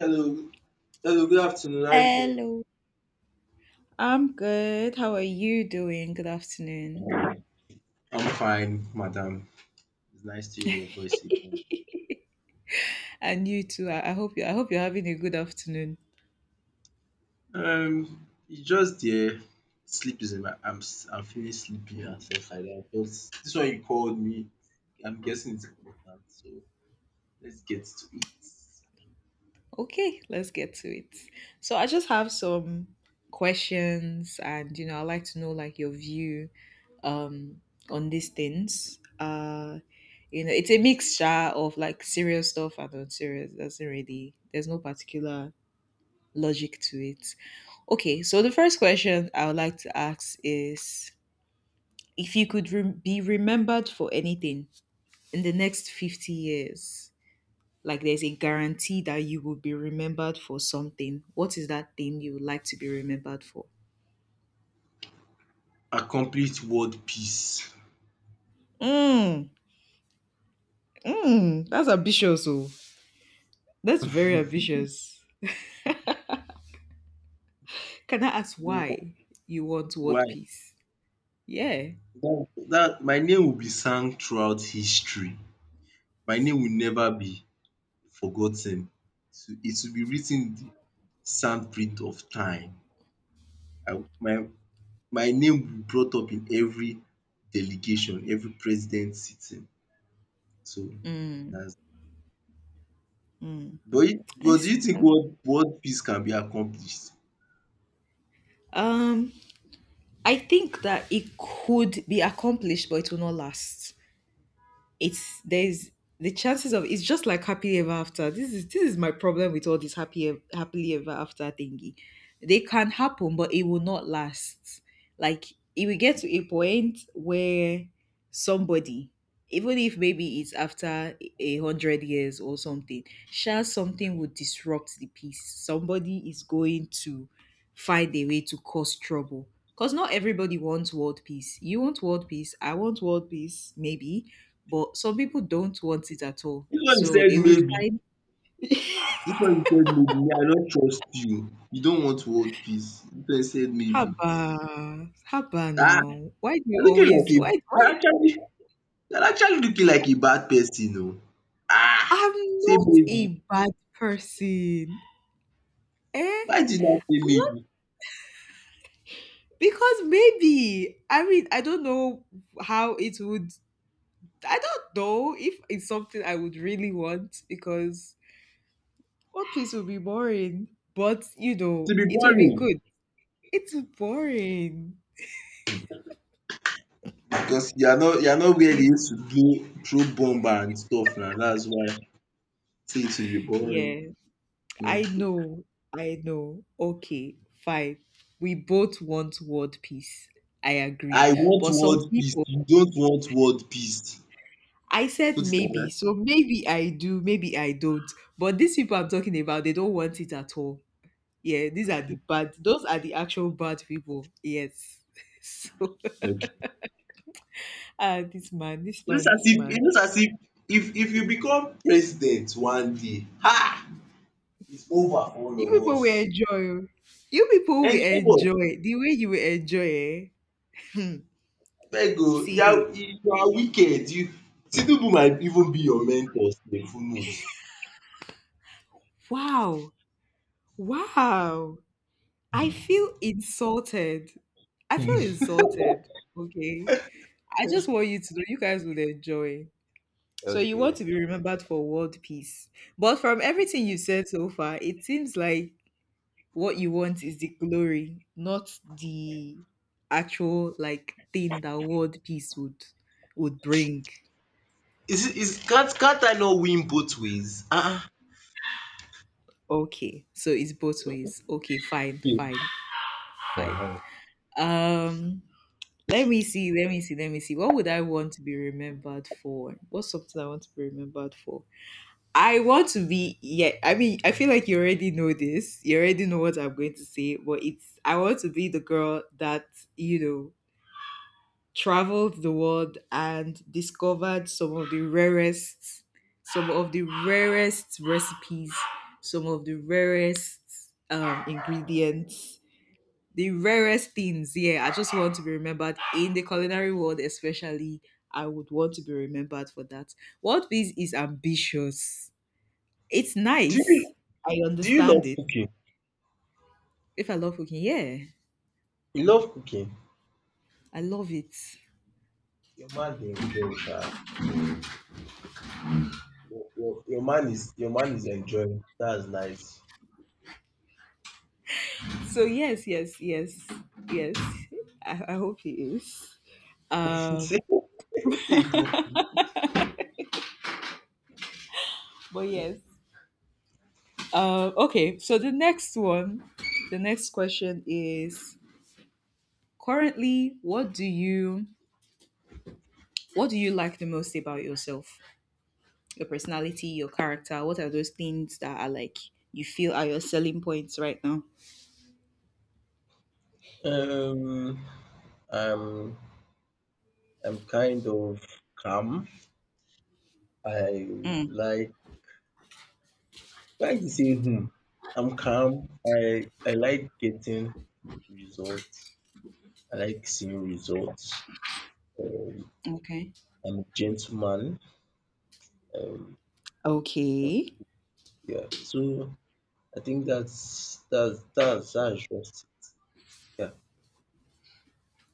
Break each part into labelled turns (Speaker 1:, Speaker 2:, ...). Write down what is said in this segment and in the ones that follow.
Speaker 1: Hello, hello. Good afternoon. How are you doing?
Speaker 2: Hello. I'm good. How are you doing? Good afternoon.
Speaker 1: I'm fine, madam. It's nice to hear your voice again.
Speaker 2: And you too. I hope you I hope you're having a good afternoon.
Speaker 1: It's just there. Sleep is in my. I'm. I'm feeling sleepy and stuff like that. Because this one you called me, I'm guessing it's important. So let's get to it.
Speaker 2: Okay, let's get to it. So I just have some questions and you know, I'd like to know like your view um on these things. You know, it's a mixture of like serious stuff and unserious. Doesn't really there's no particular logic to it. Okay, so the first question I would like to ask is if you could rem be remembered for anything in the next 50 years, like there's a guarantee that you will be remembered for something, what is that thing you would like to be remembered for?
Speaker 1: A complete world peace.
Speaker 2: Mm, mm, that's ambitious. Oh, that's very ambitious. Can I ask
Speaker 1: No,
Speaker 2: why you want world
Speaker 1: why?
Speaker 2: peace? Yeah.
Speaker 1: That my name will be sung throughout history. My name will never be forgotten. So it will be written in the sandprint of time. I my my name will be brought up in every delegation, every president sitting. So
Speaker 2: Mm,
Speaker 1: that's
Speaker 2: mm,
Speaker 1: but you
Speaker 2: I
Speaker 1: but do
Speaker 2: see.
Speaker 1: you think world peace can be accomplished?
Speaker 2: Um, I think that it could be accomplished, but it will not last. It's there's the chances of it's just like happily ever after. This is my problem with all this happily ever after thingy. They can happen, but it will not last. Like it will get to a point where somebody, even if maybe it's after 100 years or something, sure something would disrupt the peace. Somebody is going to find a way to cause trouble. Because not everybody wants world peace. You want world peace, I want world peace, maybe but some people don't want it at all.
Speaker 1: This one you
Speaker 2: So they
Speaker 1: said
Speaker 2: would
Speaker 1: maybe,
Speaker 2: find
Speaker 1: this one you said maybe, me I don't trust you. You don't want world peace. This one you said maybe.
Speaker 2: Haba, Haba
Speaker 1: Ah,
Speaker 2: now. Why do you
Speaker 1: you're looking like
Speaker 2: always why
Speaker 1: a
Speaker 2: why
Speaker 1: you're actually looking like a bad person oo. Ah,
Speaker 2: I'm
Speaker 1: say
Speaker 2: not
Speaker 1: maybe.
Speaker 2: a bad person. Eh?
Speaker 1: Why did you now say
Speaker 2: I'm not
Speaker 1: maybe?
Speaker 2: because maybe I mean I don't know how it would I don't know if it's something I would really want because One Piece would be boring. But you know,
Speaker 1: To be
Speaker 2: it will be
Speaker 1: boring.
Speaker 2: good. It's boring.
Speaker 1: Because you are not where they used to do throw bomb and stuff now. That's why I say it will be boring.
Speaker 2: Yes. I
Speaker 1: Mm.
Speaker 2: know, I know. Okay, fine. We both want world peace. I agree.
Speaker 1: I want
Speaker 2: But some
Speaker 1: world peace.
Speaker 2: people,
Speaker 1: You don't want world peace.
Speaker 2: I said
Speaker 1: Put it like
Speaker 2: maybe,
Speaker 1: that.
Speaker 2: so maybe I do, maybe I don't. But these people I'm talking about, they don't want it at all. Yeah, these are the
Speaker 1: Okay.
Speaker 2: bad, those are the actual bad people. Yes. So,
Speaker 1: Okay.
Speaker 2: ah, this man.
Speaker 1: It looks as if if you become president one day, ha! It's over for
Speaker 2: You
Speaker 1: all of
Speaker 2: people will
Speaker 1: us.
Speaker 2: enjoy. Oh. You people will
Speaker 1: And you know what?
Speaker 2: enjoy the way you will enjoy. Eh?
Speaker 1: Abeg oh,
Speaker 2: See,
Speaker 1: you are wicked. You Tinubu might even be your mentor sef, who knows?
Speaker 2: wow, wow. I feel insulted. I feel insulted. Okay. I just want you to know you guys would enjoy. So you want
Speaker 1: Okay.
Speaker 2: to be remembered for world peace. But from everything you said so far, it seems like what you want is the glory, not the actual like thing that world peace would bring.
Speaker 1: Is can is can't I not win both ways? Ah
Speaker 2: Okay. So it's both ways. Okay,
Speaker 1: ah.
Speaker 2: fine. Um Let me see, let me see. What would I want to be remembered for? What's something I want to be remembered for? I want to be, yeah, I mean, I feel like you already know this. You already know what I'm going to say, but it's, I want to be the girl that, you know, traveled the world and discovered some of the rarest, some of the rarest recipes, some of the rarest ingredients the rarest things. Yeah, I just want to be remembered in the culinary world, especially. I would want to be remembered for that. World peace is ambitious. It's
Speaker 1: Do
Speaker 2: nice.
Speaker 1: you
Speaker 2: I
Speaker 1: do you
Speaker 2: understand
Speaker 1: love
Speaker 2: it.
Speaker 1: cooking?
Speaker 2: If I love cooking, yeah,
Speaker 1: You love cooking?
Speaker 2: I love it.
Speaker 1: Your man dey enjoy sha. Your your man is enjoying. That's nice.
Speaker 2: So yes. I hope he is. Um,
Speaker 1: See see you
Speaker 2: but yes. Okay. So the next one, the next question is: currently, what do you like the most about yourself? Your personality, your character? What are those things that are like you feel are your selling points right now?
Speaker 1: Um I'm I'm kind of calm. I
Speaker 2: Mm,
Speaker 1: like like to say hmm? I'm calm. I like getting results. I like seeing results. Um
Speaker 2: okay.
Speaker 1: I'm a gentleman. Um
Speaker 2: Okay.
Speaker 1: yeah. So I think that's just yeah.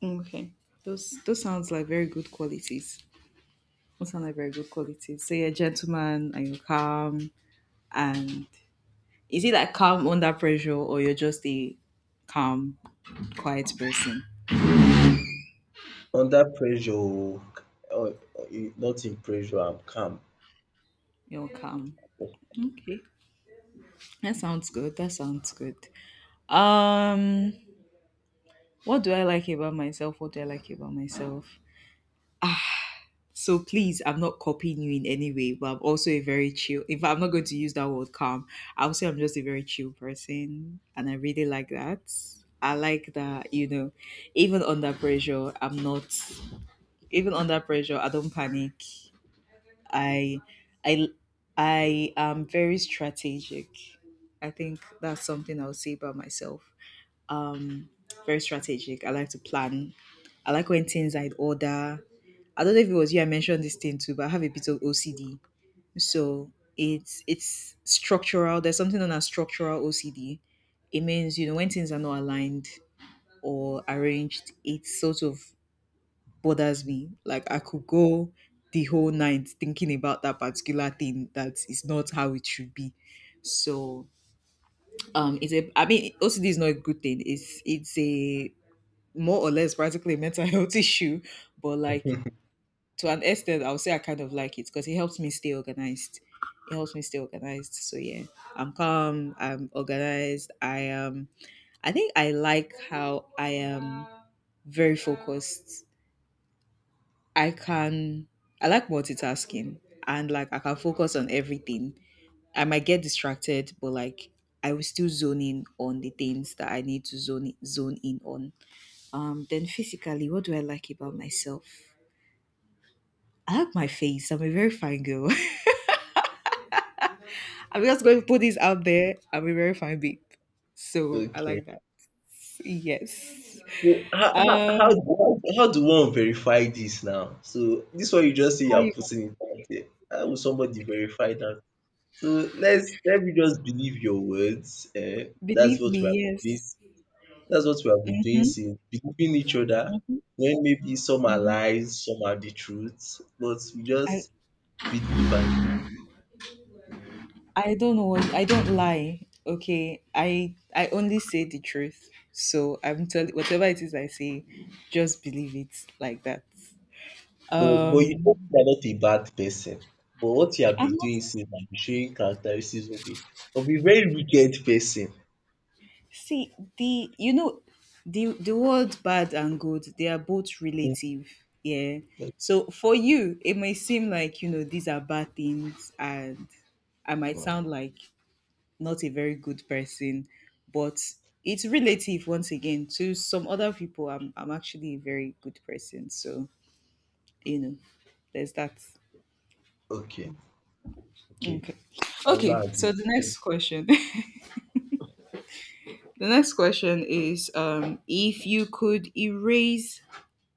Speaker 2: Okay. Those sounds like very good qualities. Those sound like very good qualities. So you're a gentleman and you're calm and is it like calm under pressure or you're just a calm, quiet person?
Speaker 1: Under pressure o, not in pressure, I'm calm.
Speaker 2: You're calm. Okay. That sounds good. That sounds good. Um what do I like about myself? What do I like about myself? So please, I'm not copying you in any way, but I'm also a very chill. If I'm not going to use that word calm, I'll say I'm just a very chill person, and I really like that. I like that, you know, even under pressure, I'm not. Even under pressure, I don't panic. I, I, I am very strategic. I think that's something I'll say about myself. Um, very strategic. I like to plan. I like when things I order. I don't know if it was you I mentioned this thing too, but I have a bit of OCD. So it's structural. There's something known as structural OCD. It means, you know, when things are not aligned or arranged, it sort of bothers me. Like I could go the whole night thinking about that particular thing that is not how it should be. So it's a I mean OCD is not a good thing. It's a more or less practically a mental health issue but like to an extent, I'll say I kind of like it because it helps me stay organized. It helps me stay organized. So yeah, I'm calm. I'm organized. I am. I think I like how I am very focused. I can. I like multitasking and like I can focus on everything. I might get distracted, but like I will still zone in on the things that I need to zone in on. Then physically, what do I like about myself? I like my face. I'm a very fine girl. I'm just going to put this out there. I'm a very fine babe. So I
Speaker 1: Okay.
Speaker 2: like that. Yes.
Speaker 1: So how how
Speaker 2: Um,
Speaker 1: how do how do one verify this now? So this one you just say you
Speaker 2: how
Speaker 1: are
Speaker 2: you can
Speaker 1: putting it out there, how will somebody verify that? So let's let me just believe your words. Eh, that's
Speaker 2: believe
Speaker 1: what
Speaker 2: me?
Speaker 1: we have been doing.
Speaker 2: Yes.
Speaker 1: That's what we have been doing
Speaker 2: Mm-hmm,
Speaker 1: since, believing each other
Speaker 2: hmm
Speaker 1: when maybe some are
Speaker 2: hmm
Speaker 1: lies, some are the truth, but we
Speaker 2: I
Speaker 1: just believe and keep it.
Speaker 2: don't know. I don't lie. Okay. I only say the truth. So I'm telling whatever it is I say, just believe it like that.
Speaker 1: But you know
Speaker 2: Um,
Speaker 1: you are not a bad person. But what you have
Speaker 2: I'm
Speaker 1: been
Speaker 2: not
Speaker 1: doing since I be showing characteristics of a very wicked person.
Speaker 2: See, the you know the word bad and good, they are both
Speaker 1: Mm.
Speaker 2: relative. Yeah. So for you, it may seem like, you know, these are bad things and I might
Speaker 1: Mm.
Speaker 2: sound like not a very good person, but it's relative once again to some other people. I'm actually a very good person. So, you know, there's that.
Speaker 1: Okay, okay.
Speaker 2: Okay.
Speaker 1: I will
Speaker 2: Okay,
Speaker 1: not
Speaker 2: so
Speaker 1: argue.
Speaker 2: the next question. The next question is if you could erase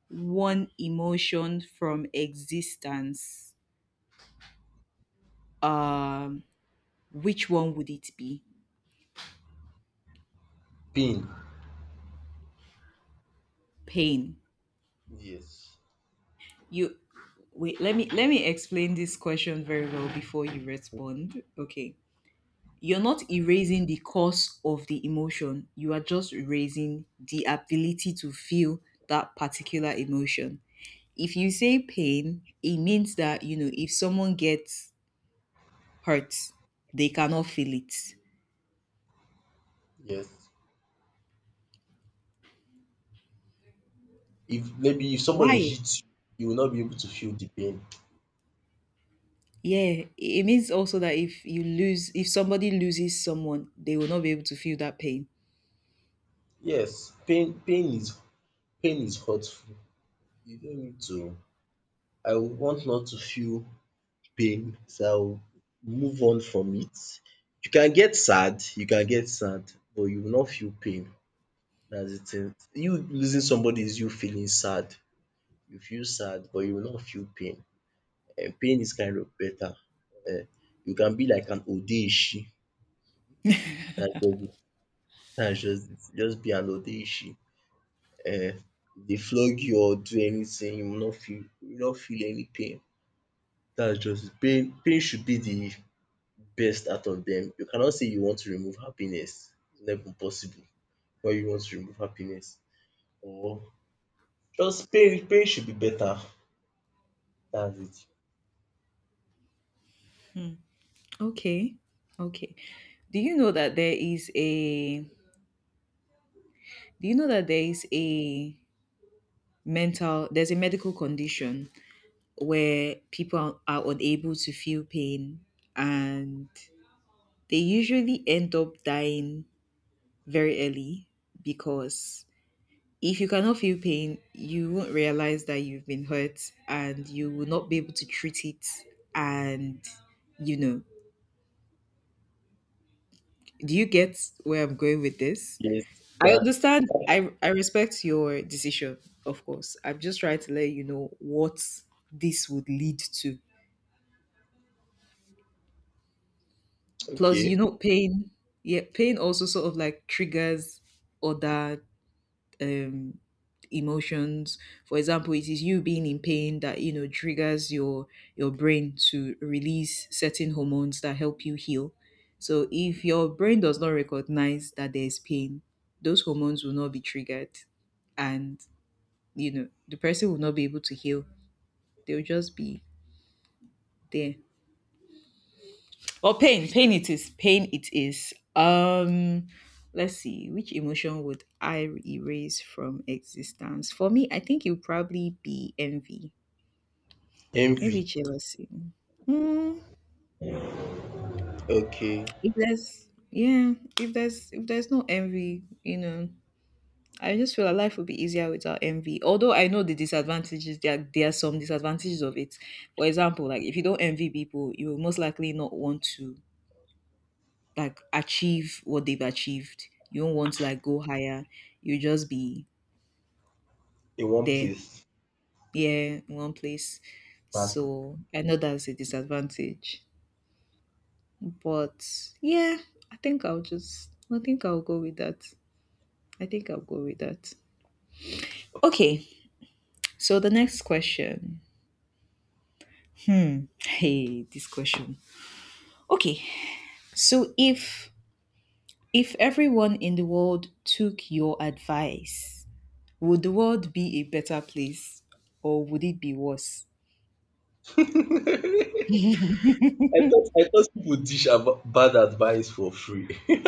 Speaker 2: one emotion from existence, um, which one would it be?
Speaker 1: Pain.
Speaker 2: Pain.
Speaker 1: Yes.
Speaker 2: You wait. Let me explain this question very well before you respond. Okay. You're not erasing the cause of the emotion. You are just erasing the ability to feel that particular emotion. If you say pain, it means that you know if someone gets hurt, they cannot feel it.
Speaker 1: Yes. If maybe if somebody
Speaker 2: Why?
Speaker 1: hits you, you will not be able to feel the pain.
Speaker 2: Yeah, it means also that if you lose, if somebody loses someone, they will not be able to feel that pain.
Speaker 1: Yes, pain is pain is hurtful. You don't need to I would want not to feel pain so I will move on from it. You can get sad, but you will not feel pain. That's de thing. You losing somebody is you feeling sad, you feel sad but you will not feel pain. And pain is kind of better. um you can be like an odeshi, that's just de dats just it, just be an odeshi. If dey flog you or do anything, you will not feel any pain. That's just it. Pain should be the best out of them. You cannot say you want to remove happiness, it's not even possible. Why you want to remove happiness? Or just pain should be better. That's it.
Speaker 2: Okay, okay. Do you know that there is a? Do you know that there is a mental? There's a medical condition where people are unable to feel pain, and they usually end up dying very early because if you cannot feel pain, you won't realize that you've been hurt and you will not be able to treat it. And, you know, do you get where I'm going with this?
Speaker 1: Yes.
Speaker 2: I
Speaker 1: That
Speaker 2: understand. I respect your decision, of course. I'm just trying to let you know what this would lead to. Plus, you
Speaker 1: okay.
Speaker 2: know, pain, yeah, pain also sort of like triggers other um emotions. For example, it is you being in pain that you know triggers your brain to release certain hormones that help you heal, so if your brain does not recognize that there's pain, those hormones will not be triggered, and you know the person will not be able to heal. They'll just be there. Well, pain, pain it is. Pain it is. Let's see. Which emotion would I erase from existence? For me, I think it would probably be envy. Maybe
Speaker 1: Envy
Speaker 2: jealousy. Mm,
Speaker 1: okay
Speaker 2: if there's yeah, if there's no envy, you know, I just feel like life would be easier without envy. Although I know the disadvantages, there are some disadvantages of it. For example, like if you don't envy people, you will most likely not want to like achieve what they've achieved. You don't want to like go higher. You just be
Speaker 1: in one
Speaker 2: there,
Speaker 1: place
Speaker 2: yeah, in one place.
Speaker 1: bad.
Speaker 2: So I know that's a disadvantage, but yeah, I think I'll go with that. I think I'll go with that. Okay, so the next question. Hey, this question. Okay, so if everyone in the world took your advice, would the world be a better place or would it be worse?
Speaker 1: I I thought people dish bad advice for free.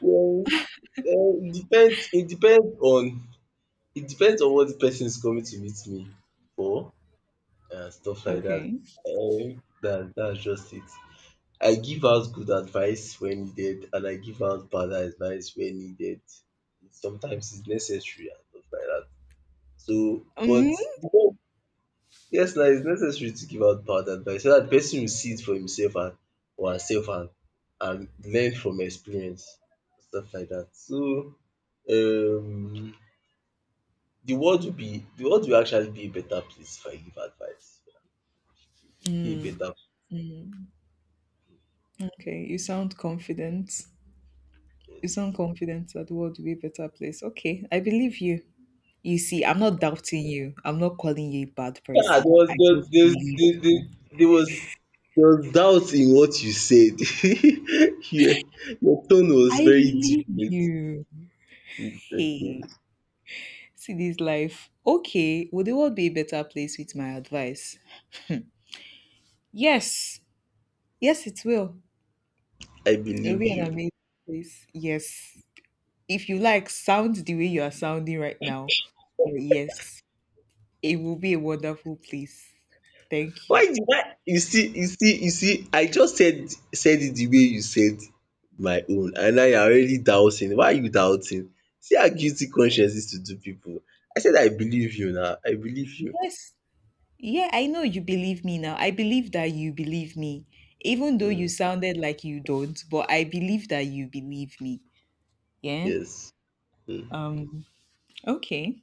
Speaker 1: Well it depends it depends on it depends on what the person is coming to meet me for and stuff like that.
Speaker 2: Okay.
Speaker 1: Dats just it. I give out good advice when needed, and I give out bad advice when needed. Sometimes it's necessary and stuff like that. So, but
Speaker 2: Hmm.
Speaker 1: no, yes, now it's necessary to give out bad advice so that the person will see it for himself and or herself and learn from experience stuff like that. So, um, the world will be the world will actually be a better place if I give advice. It will be a better
Speaker 2: Okay. You sound confident. You sound
Speaker 1: place.
Speaker 2: confident that the world will be a better place. Okay. I believe you. You see, I'm not doubting you. I'm not calling you a bad
Speaker 1: Yeah,
Speaker 2: person. I just believed you.
Speaker 1: there was there was doubt in what you said. Yeah, your tone was
Speaker 2: I
Speaker 1: very
Speaker 2: believe
Speaker 1: different.
Speaker 2: you.
Speaker 1: Okay,
Speaker 2: Hey, see this life. Okay. Will the world be a better place with my advice? Yes. Yes, it will.
Speaker 1: I
Speaker 2: It will
Speaker 1: believe
Speaker 2: be an
Speaker 1: you.
Speaker 2: amazing place. Yes. If you like, sound the way you are sounding right now. But yes. It will be a wonderful place. Thank
Speaker 1: Why
Speaker 2: you.
Speaker 1: did I? You see. I just said it the way you said my own, and now you're already doubting. Why are you doubting? See how guilty conscience is to do people. I said I believe you now. I believe you.
Speaker 2: Yes. Yeah, I know you believe me now. I believe that you believe me, even though you
Speaker 1: Mm,
Speaker 2: sounded like you don't, but I believe that you believe me. Yeah.
Speaker 1: yes. Mm,
Speaker 2: Um, okay.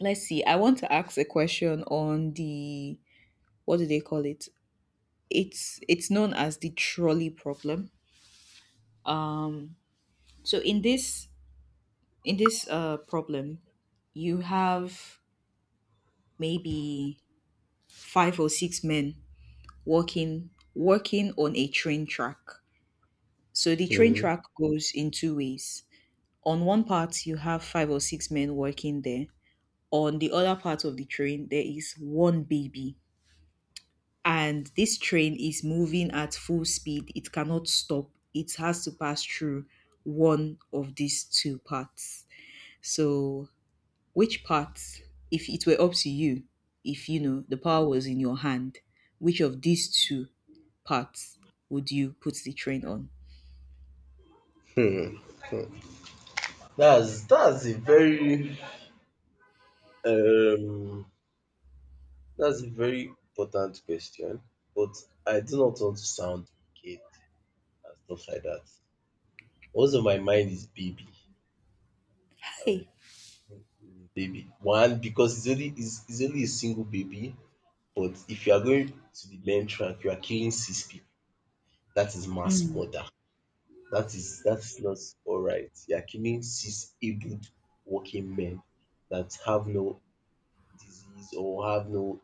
Speaker 2: Let's see. I want to ask a question on the what do they call it? It's known as the trolley problem. Um, so in this problem, you have maybe five or six men walking walking on a train track. So the train
Speaker 1: mhm.
Speaker 2: track goes in two ways. On one part you have five or six men working there. On the other part of the train there is one baby. And this train is moving at full speed. It cannot stop. It has to pass through one of these two parts. So which parts, if it were up to you, if you know the power was in your hand, which of these two parts would you put the train on?
Speaker 1: Hmm. That's a very um that's a very important question, but I do not want to sound wicked and stuff like that. Also, my mind is baby and
Speaker 2: Hi.
Speaker 1: baby. One, because it's only a single baby, but if you are going to the main track, you are killing six people. That is mass
Speaker 2: Mm.
Speaker 1: murder. That is not all right. You are killing six able working men that have no disease or have no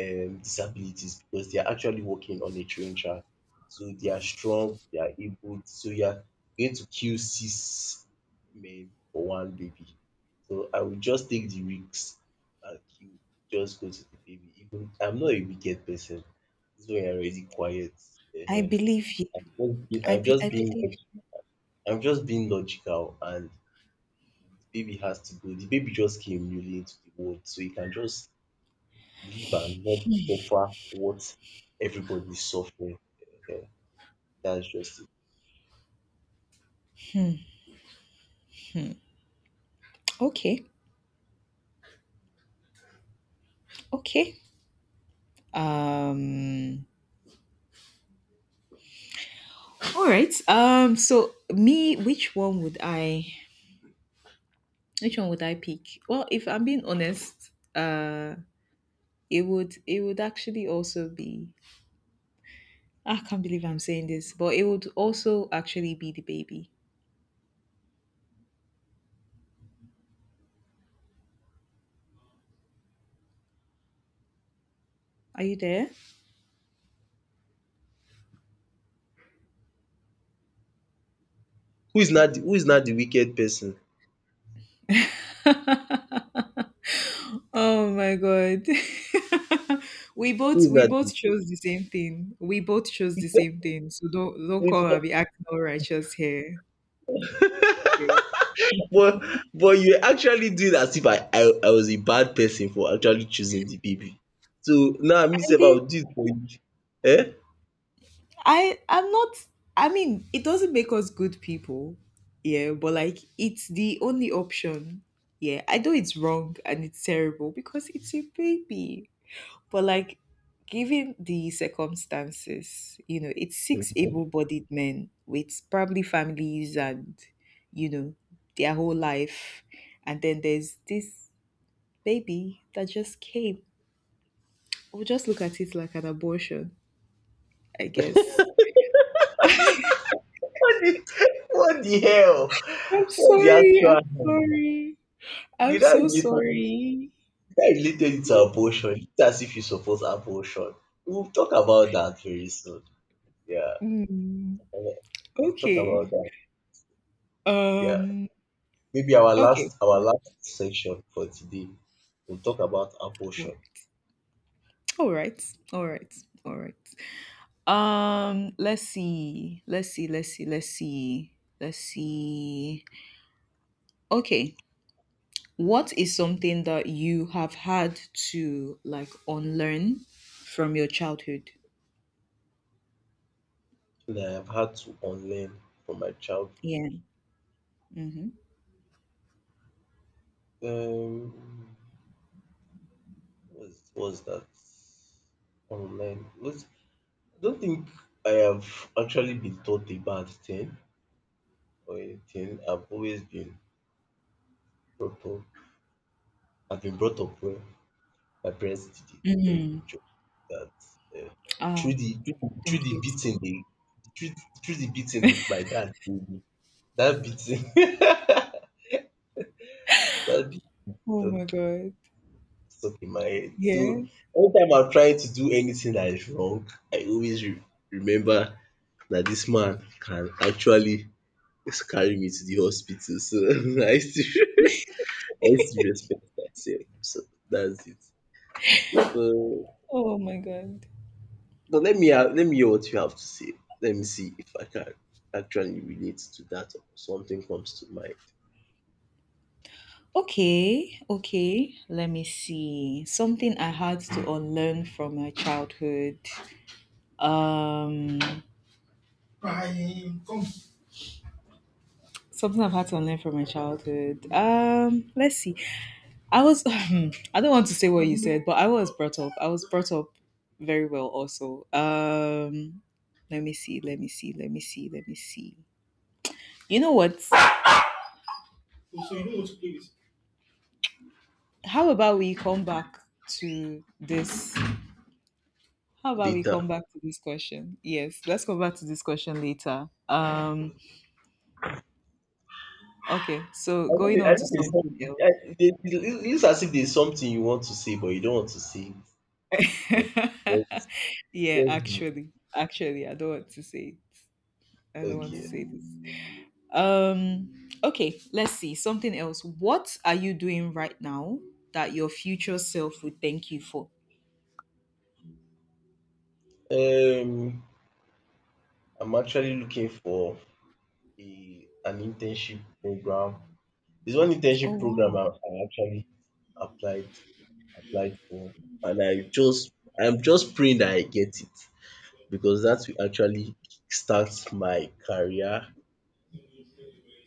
Speaker 1: disabilities, because they are actually working on a train track. So they are strong, they are able. So you are going to kill six men for one baby. So I will just take the risks and kill, just go to the baby. Even I'm not a wicked person. This one already quiet.
Speaker 2: I
Speaker 1: Ehen.
Speaker 2: believe you.
Speaker 1: I'm just being,
Speaker 2: I,
Speaker 1: I'm
Speaker 2: be,
Speaker 1: just
Speaker 2: I
Speaker 1: being,
Speaker 2: believe.
Speaker 1: log- I'm just being logical, and the baby has to go. The baby just came newly into the world, so you can just live and not suffer what everybody suffering. Ehen, dats just it.
Speaker 2: Okay. Okay. Um. All right. So me, which one would I? Which one would I pick? Well, if I'm being honest, it would actually also be. I can't believe I'm saying this, but it would also actually be the baby. Are you there?
Speaker 1: Who is not the wicked person?
Speaker 2: Oh my god. we both
Speaker 1: Who is
Speaker 2: we both
Speaker 1: not
Speaker 2: chose the same thing. We both chose the
Speaker 1: the
Speaker 2: same thing. So don't come and be acting all righteous here. Okay.
Speaker 1: but you actually do doing as if I was a bad person for actually choosing the baby. So now me
Speaker 2: I
Speaker 1: sef I
Speaker 2: did
Speaker 1: will do it for you.
Speaker 2: I'm not. I mean, it doesn't make us good people. Yeah, but like it's the only option. Yeah. I know it's wrong and it's terrible because it's a baby. But like, given the circumstances, you know, it's six
Speaker 1: Um
Speaker 2: able-bodied men with probably families and, you know, their whole life, and then there's this baby that just came. We'll just look at it like an abortion, I guess.
Speaker 1: What the what the hell?
Speaker 2: I'm
Speaker 1: What the
Speaker 2: sorry. I'm
Speaker 1: actual hell?
Speaker 2: sorry. I'm so
Speaker 1: You
Speaker 2: sorry.
Speaker 1: now related it to
Speaker 2: Yeah.
Speaker 1: abortion. It's as if you support abortion. We will talk about that very soon. Yeah.
Speaker 2: Mm,
Speaker 1: Uh, we'll talk
Speaker 2: okay.
Speaker 1: about that. Yeah.
Speaker 2: Um.
Speaker 1: Maybe
Speaker 2: Okay.
Speaker 1: our last
Speaker 2: Let's
Speaker 1: section for today. We'll talk about abortion.
Speaker 2: work. All right. All right. All right. Let's see. Let's see. Let's see. Let's see. Let's see. Okay. What is something that you have had to like unlearn from your childhood?
Speaker 1: And I've had to unlearn from my childhood.
Speaker 2: Yeah. Mm-hmm.
Speaker 1: Um what's that? Online? What's, I don't think I have actually been taught a bad thing or anything. I've always been brought up. I've been brought up well. My parents did a very
Speaker 2: Mm-hmm.
Speaker 1: good job, that um
Speaker 2: Ah,
Speaker 1: through the through
Speaker 2: thank
Speaker 1: the
Speaker 2: you.
Speaker 1: beating
Speaker 2: Tim.
Speaker 1: they through the beating my dad gave me, that beating that beating
Speaker 2: Oh my
Speaker 1: stuck
Speaker 2: God.
Speaker 1: stuck in my head.
Speaker 2: Yeah.
Speaker 1: So anytime I'm trying to do anything that is wrong, I always re remember that this man can actually carry me to the hospital. So I used to I used to respect myself. So that's it. But
Speaker 2: Oh my God.
Speaker 1: But let me hear what you have to say. Let me see if I can actually relate to that or something comes to mind
Speaker 2: Okay. Okay. Let me see. Something I had to unlearn from my childhood. Um, Something I've had to unlearn from my childhood. Let's see. I was I don't want to say what you said, but I was brought up. I was brought up very well also. Let me see, let me see, let me see, let me see. You know what? How about we come back to this? How about we
Speaker 1: later.
Speaker 2: come back to this question? Yes, let's come back to this question later. Okay, so going on
Speaker 1: I
Speaker 2: to
Speaker 1: know there's
Speaker 2: something
Speaker 1: something.
Speaker 2: else.
Speaker 1: It looks as if there's something you want to say, but you don't want to say it. But let's,
Speaker 2: Yeah,
Speaker 1: let's move.
Speaker 2: actually. Actually, I don't want to say it. I don't want to
Speaker 1: Okay.
Speaker 2: say this. Okay, let's see. Something else. What are you doing right now that your future self would thank you for?
Speaker 1: Um, I'm actually looking for a an internship program. There's one
Speaker 2: Oh
Speaker 1: internship program
Speaker 2: wow.
Speaker 1: I actually applied applied for, and I just I'm just praying that I get it, because that will actually start my career,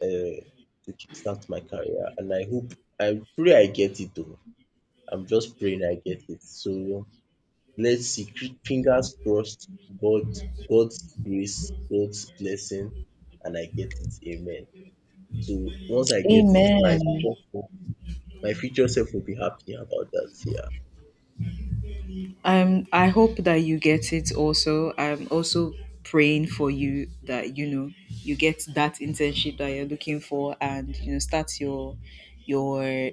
Speaker 1: um to kick start my career, and I hope I pray I get it oo. I'm just praying I get it. So let's see. Fingers crossed. God, God's grace, God's blessing, and I get it, amen. So once I get it,
Speaker 2: Amen.
Speaker 1: my future self will be happy about that. Yeah,
Speaker 2: I hope that you get it also. I'm also praying for you that you know you get that internship that you're looking for and you know start your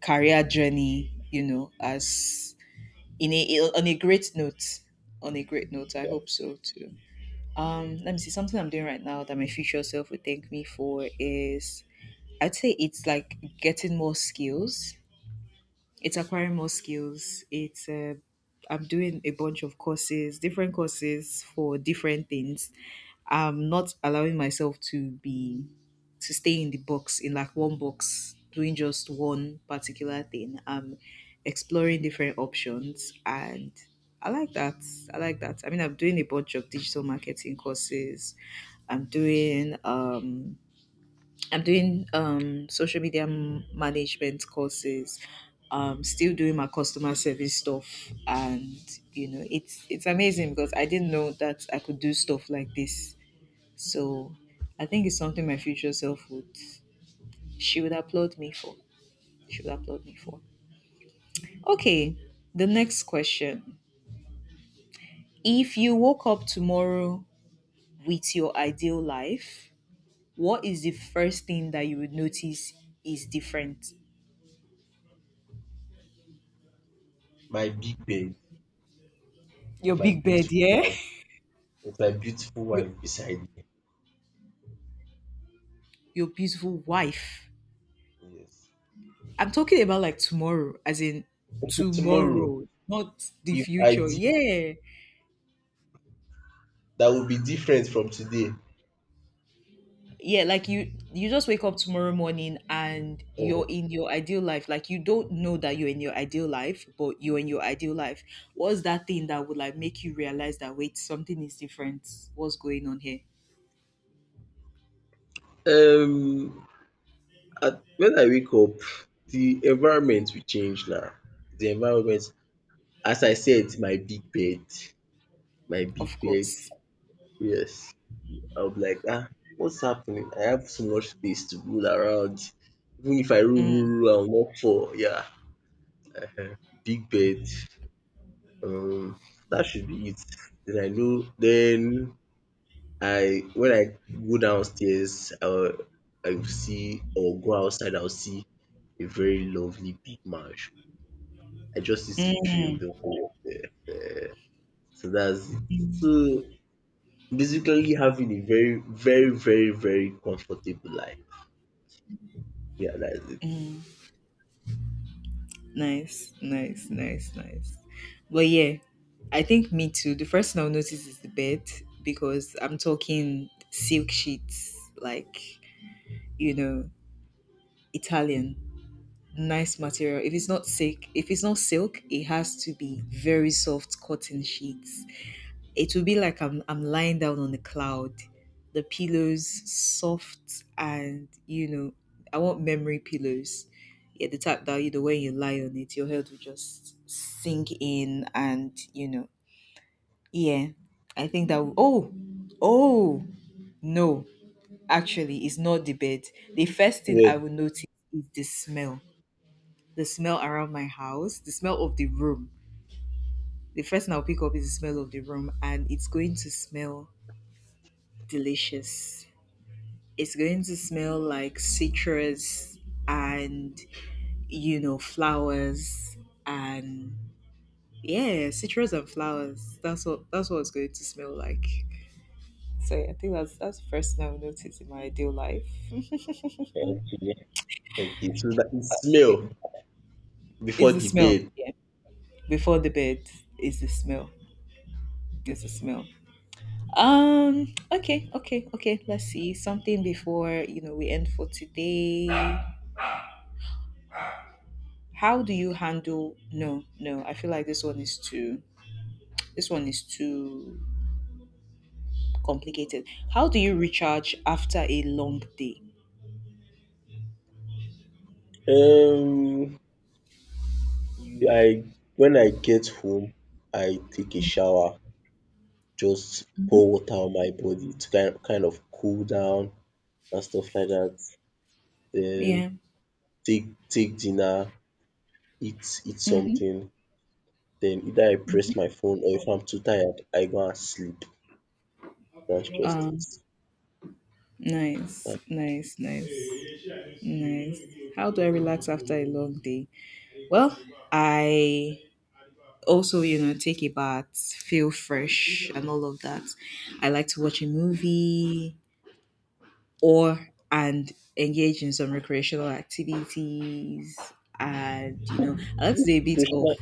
Speaker 2: career journey, you know, as in a on a great note. On a great note, I
Speaker 1: yeah.
Speaker 2: hope so too. Let me see. Something I'm doing right now that my future self would thank me for is I'd say it's like getting more skills. It's acquiring more skills. It's I'm doing a bunch of courses, different courses for different things. I'm not allowing myself to be to stay in the box, in like one box doing just one particular thing. I'm exploring different options and I like that. I like that. I mean, I'm doing a bunch of digital marketing courses. i'm doing um I'm doing social media management courses. Still doing my customer service stuff, and you know, it's amazing because I didn't know that I could do stuff like this. So I think it's something my future self would she would applaud me for. She would applaud me for. Okay, the next question: If you woke up tomorrow with your ideal life, what is the first thing that you would notice is different?
Speaker 1: My big bed
Speaker 2: Your
Speaker 1: with my
Speaker 2: big bed,
Speaker 1: beautiful
Speaker 2: yeah.
Speaker 1: wife,
Speaker 2: your
Speaker 1: beside me.
Speaker 2: your beautiful wife.
Speaker 1: Yes.
Speaker 2: I'm talking about like tomorrow, as in
Speaker 1: Okay, tomorrow,
Speaker 2: tomorrow, not the
Speaker 1: if I
Speaker 2: future.
Speaker 1: did,
Speaker 2: Yeah.
Speaker 1: that would be different from today?
Speaker 2: Yeah, like you just wake up tomorrow morning and
Speaker 1: Um
Speaker 2: you're in your ideal life. Like you don't know that you're in your ideal life, but you're in your ideal life. What's that thing that would like make you realize that wait, something is different? What's going on here?
Speaker 1: Um, at, when I wake up, the environment will change now. The environment, as I said, my big
Speaker 2: Of
Speaker 1: bed.
Speaker 2: course.
Speaker 1: Yes, I'll be like, ah, what's happening? I have so much space to roll around. Even if I
Speaker 2: Mm,
Speaker 1: roll, I'll not fall. Yeah, uh big bed. Um, that should be it. Then I know. Then I when I go downstairs, I will see, or go outside, I'll see a very lovely big marsh. I just used to dream the
Speaker 2: mm.
Speaker 1: whole of it. Eh, so that's it. So basically having a very comfortable life. Yeah, that's it.
Speaker 2: Nice, nice, nice, nice. But yeah, I think me too. The first thing I'll notice is the bed because I'm talking silk sheets, like, you know, Italian, nice material. If it's not silk, if it's not silk, it has to be very soft cotton sheets. It will be like I'm lying down on the cloud. The pillows soft and you know, I want memory pillows. Yeah, the type that you know when you lie on it, your head will just sink in and you know, yeah. I think that will, oh oh no, actually it's not the bed. The first thing I will
Speaker 1: Well,
Speaker 2: notice is the smell. The smell around my house, the smell of the room, the first thing I'll pick up is the smell of the room, and it's going to smell delicious. It's going to smell like citrus and, you know, flowers and yeah, citrus and flowers. That's what it's going to smell like. So yeah, I think that's the first thing I've noticed in my ideal life.
Speaker 1: okay. Okay, so that is smell
Speaker 2: It's
Speaker 1: before
Speaker 2: the
Speaker 1: the
Speaker 2: smell.
Speaker 1: bed.
Speaker 2: Yeah. Before the bed is the smell. It's the smell. Okay, okay, okay. Let's see. Something before, you know, we end for today. How do you handle no, no, I feel like this one is too this one is too complicated. How do you recharge after a long day?
Speaker 1: Um, I when I get home, I take a shower, just pour water on my body to kind of cool down and stuff like that.
Speaker 2: Yeah.
Speaker 1: Then take dinner, eat
Speaker 2: Mm-hmm.
Speaker 1: something, then either I press my phone, or if I'm too tired, I go and sleep. That's just
Speaker 2: Um.
Speaker 1: it.
Speaker 2: Nice,
Speaker 1: Like
Speaker 2: nice, nice, nice. How do I relax after a long day? Well, I also, you know, take a bath, feel fresh, and all of that. I like to watch a movie or and engage in some recreational activities. And you know, I like to
Speaker 1: Which
Speaker 2: do a bit of
Speaker 1: recreational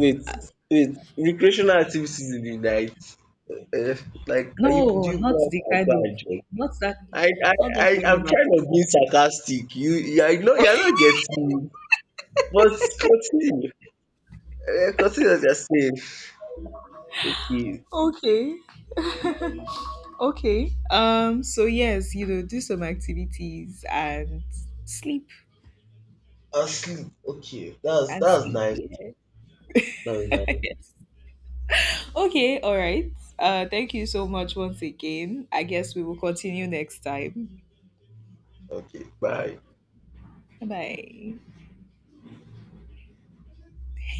Speaker 1: wait, wait, recreational activities in the night. Uh, like are you do
Speaker 2: no,
Speaker 1: you
Speaker 2: not
Speaker 1: go out
Speaker 2: the
Speaker 1: and
Speaker 2: kind
Speaker 1: go
Speaker 2: of,
Speaker 1: and drink?
Speaker 2: not that,
Speaker 1: I, I,
Speaker 2: not that kind of
Speaker 1: I'm trying to be
Speaker 2: activity.
Speaker 1: sarcastic. You I know you're not getting me, but continue. Eh, continue as you are saying. Okay.
Speaker 2: Okay,
Speaker 1: Mm,
Speaker 2: okay. So yes, you know, do some activities and sleep
Speaker 1: asleep. Okay.
Speaker 2: and
Speaker 1: That's
Speaker 2: sleep.
Speaker 1: nice.
Speaker 2: Yeah.
Speaker 1: That's nice.
Speaker 2: Yes. Okay. All right. Thank you so much once again. I guess we will continue next time.
Speaker 1: Okay. Bye.
Speaker 2: Bye.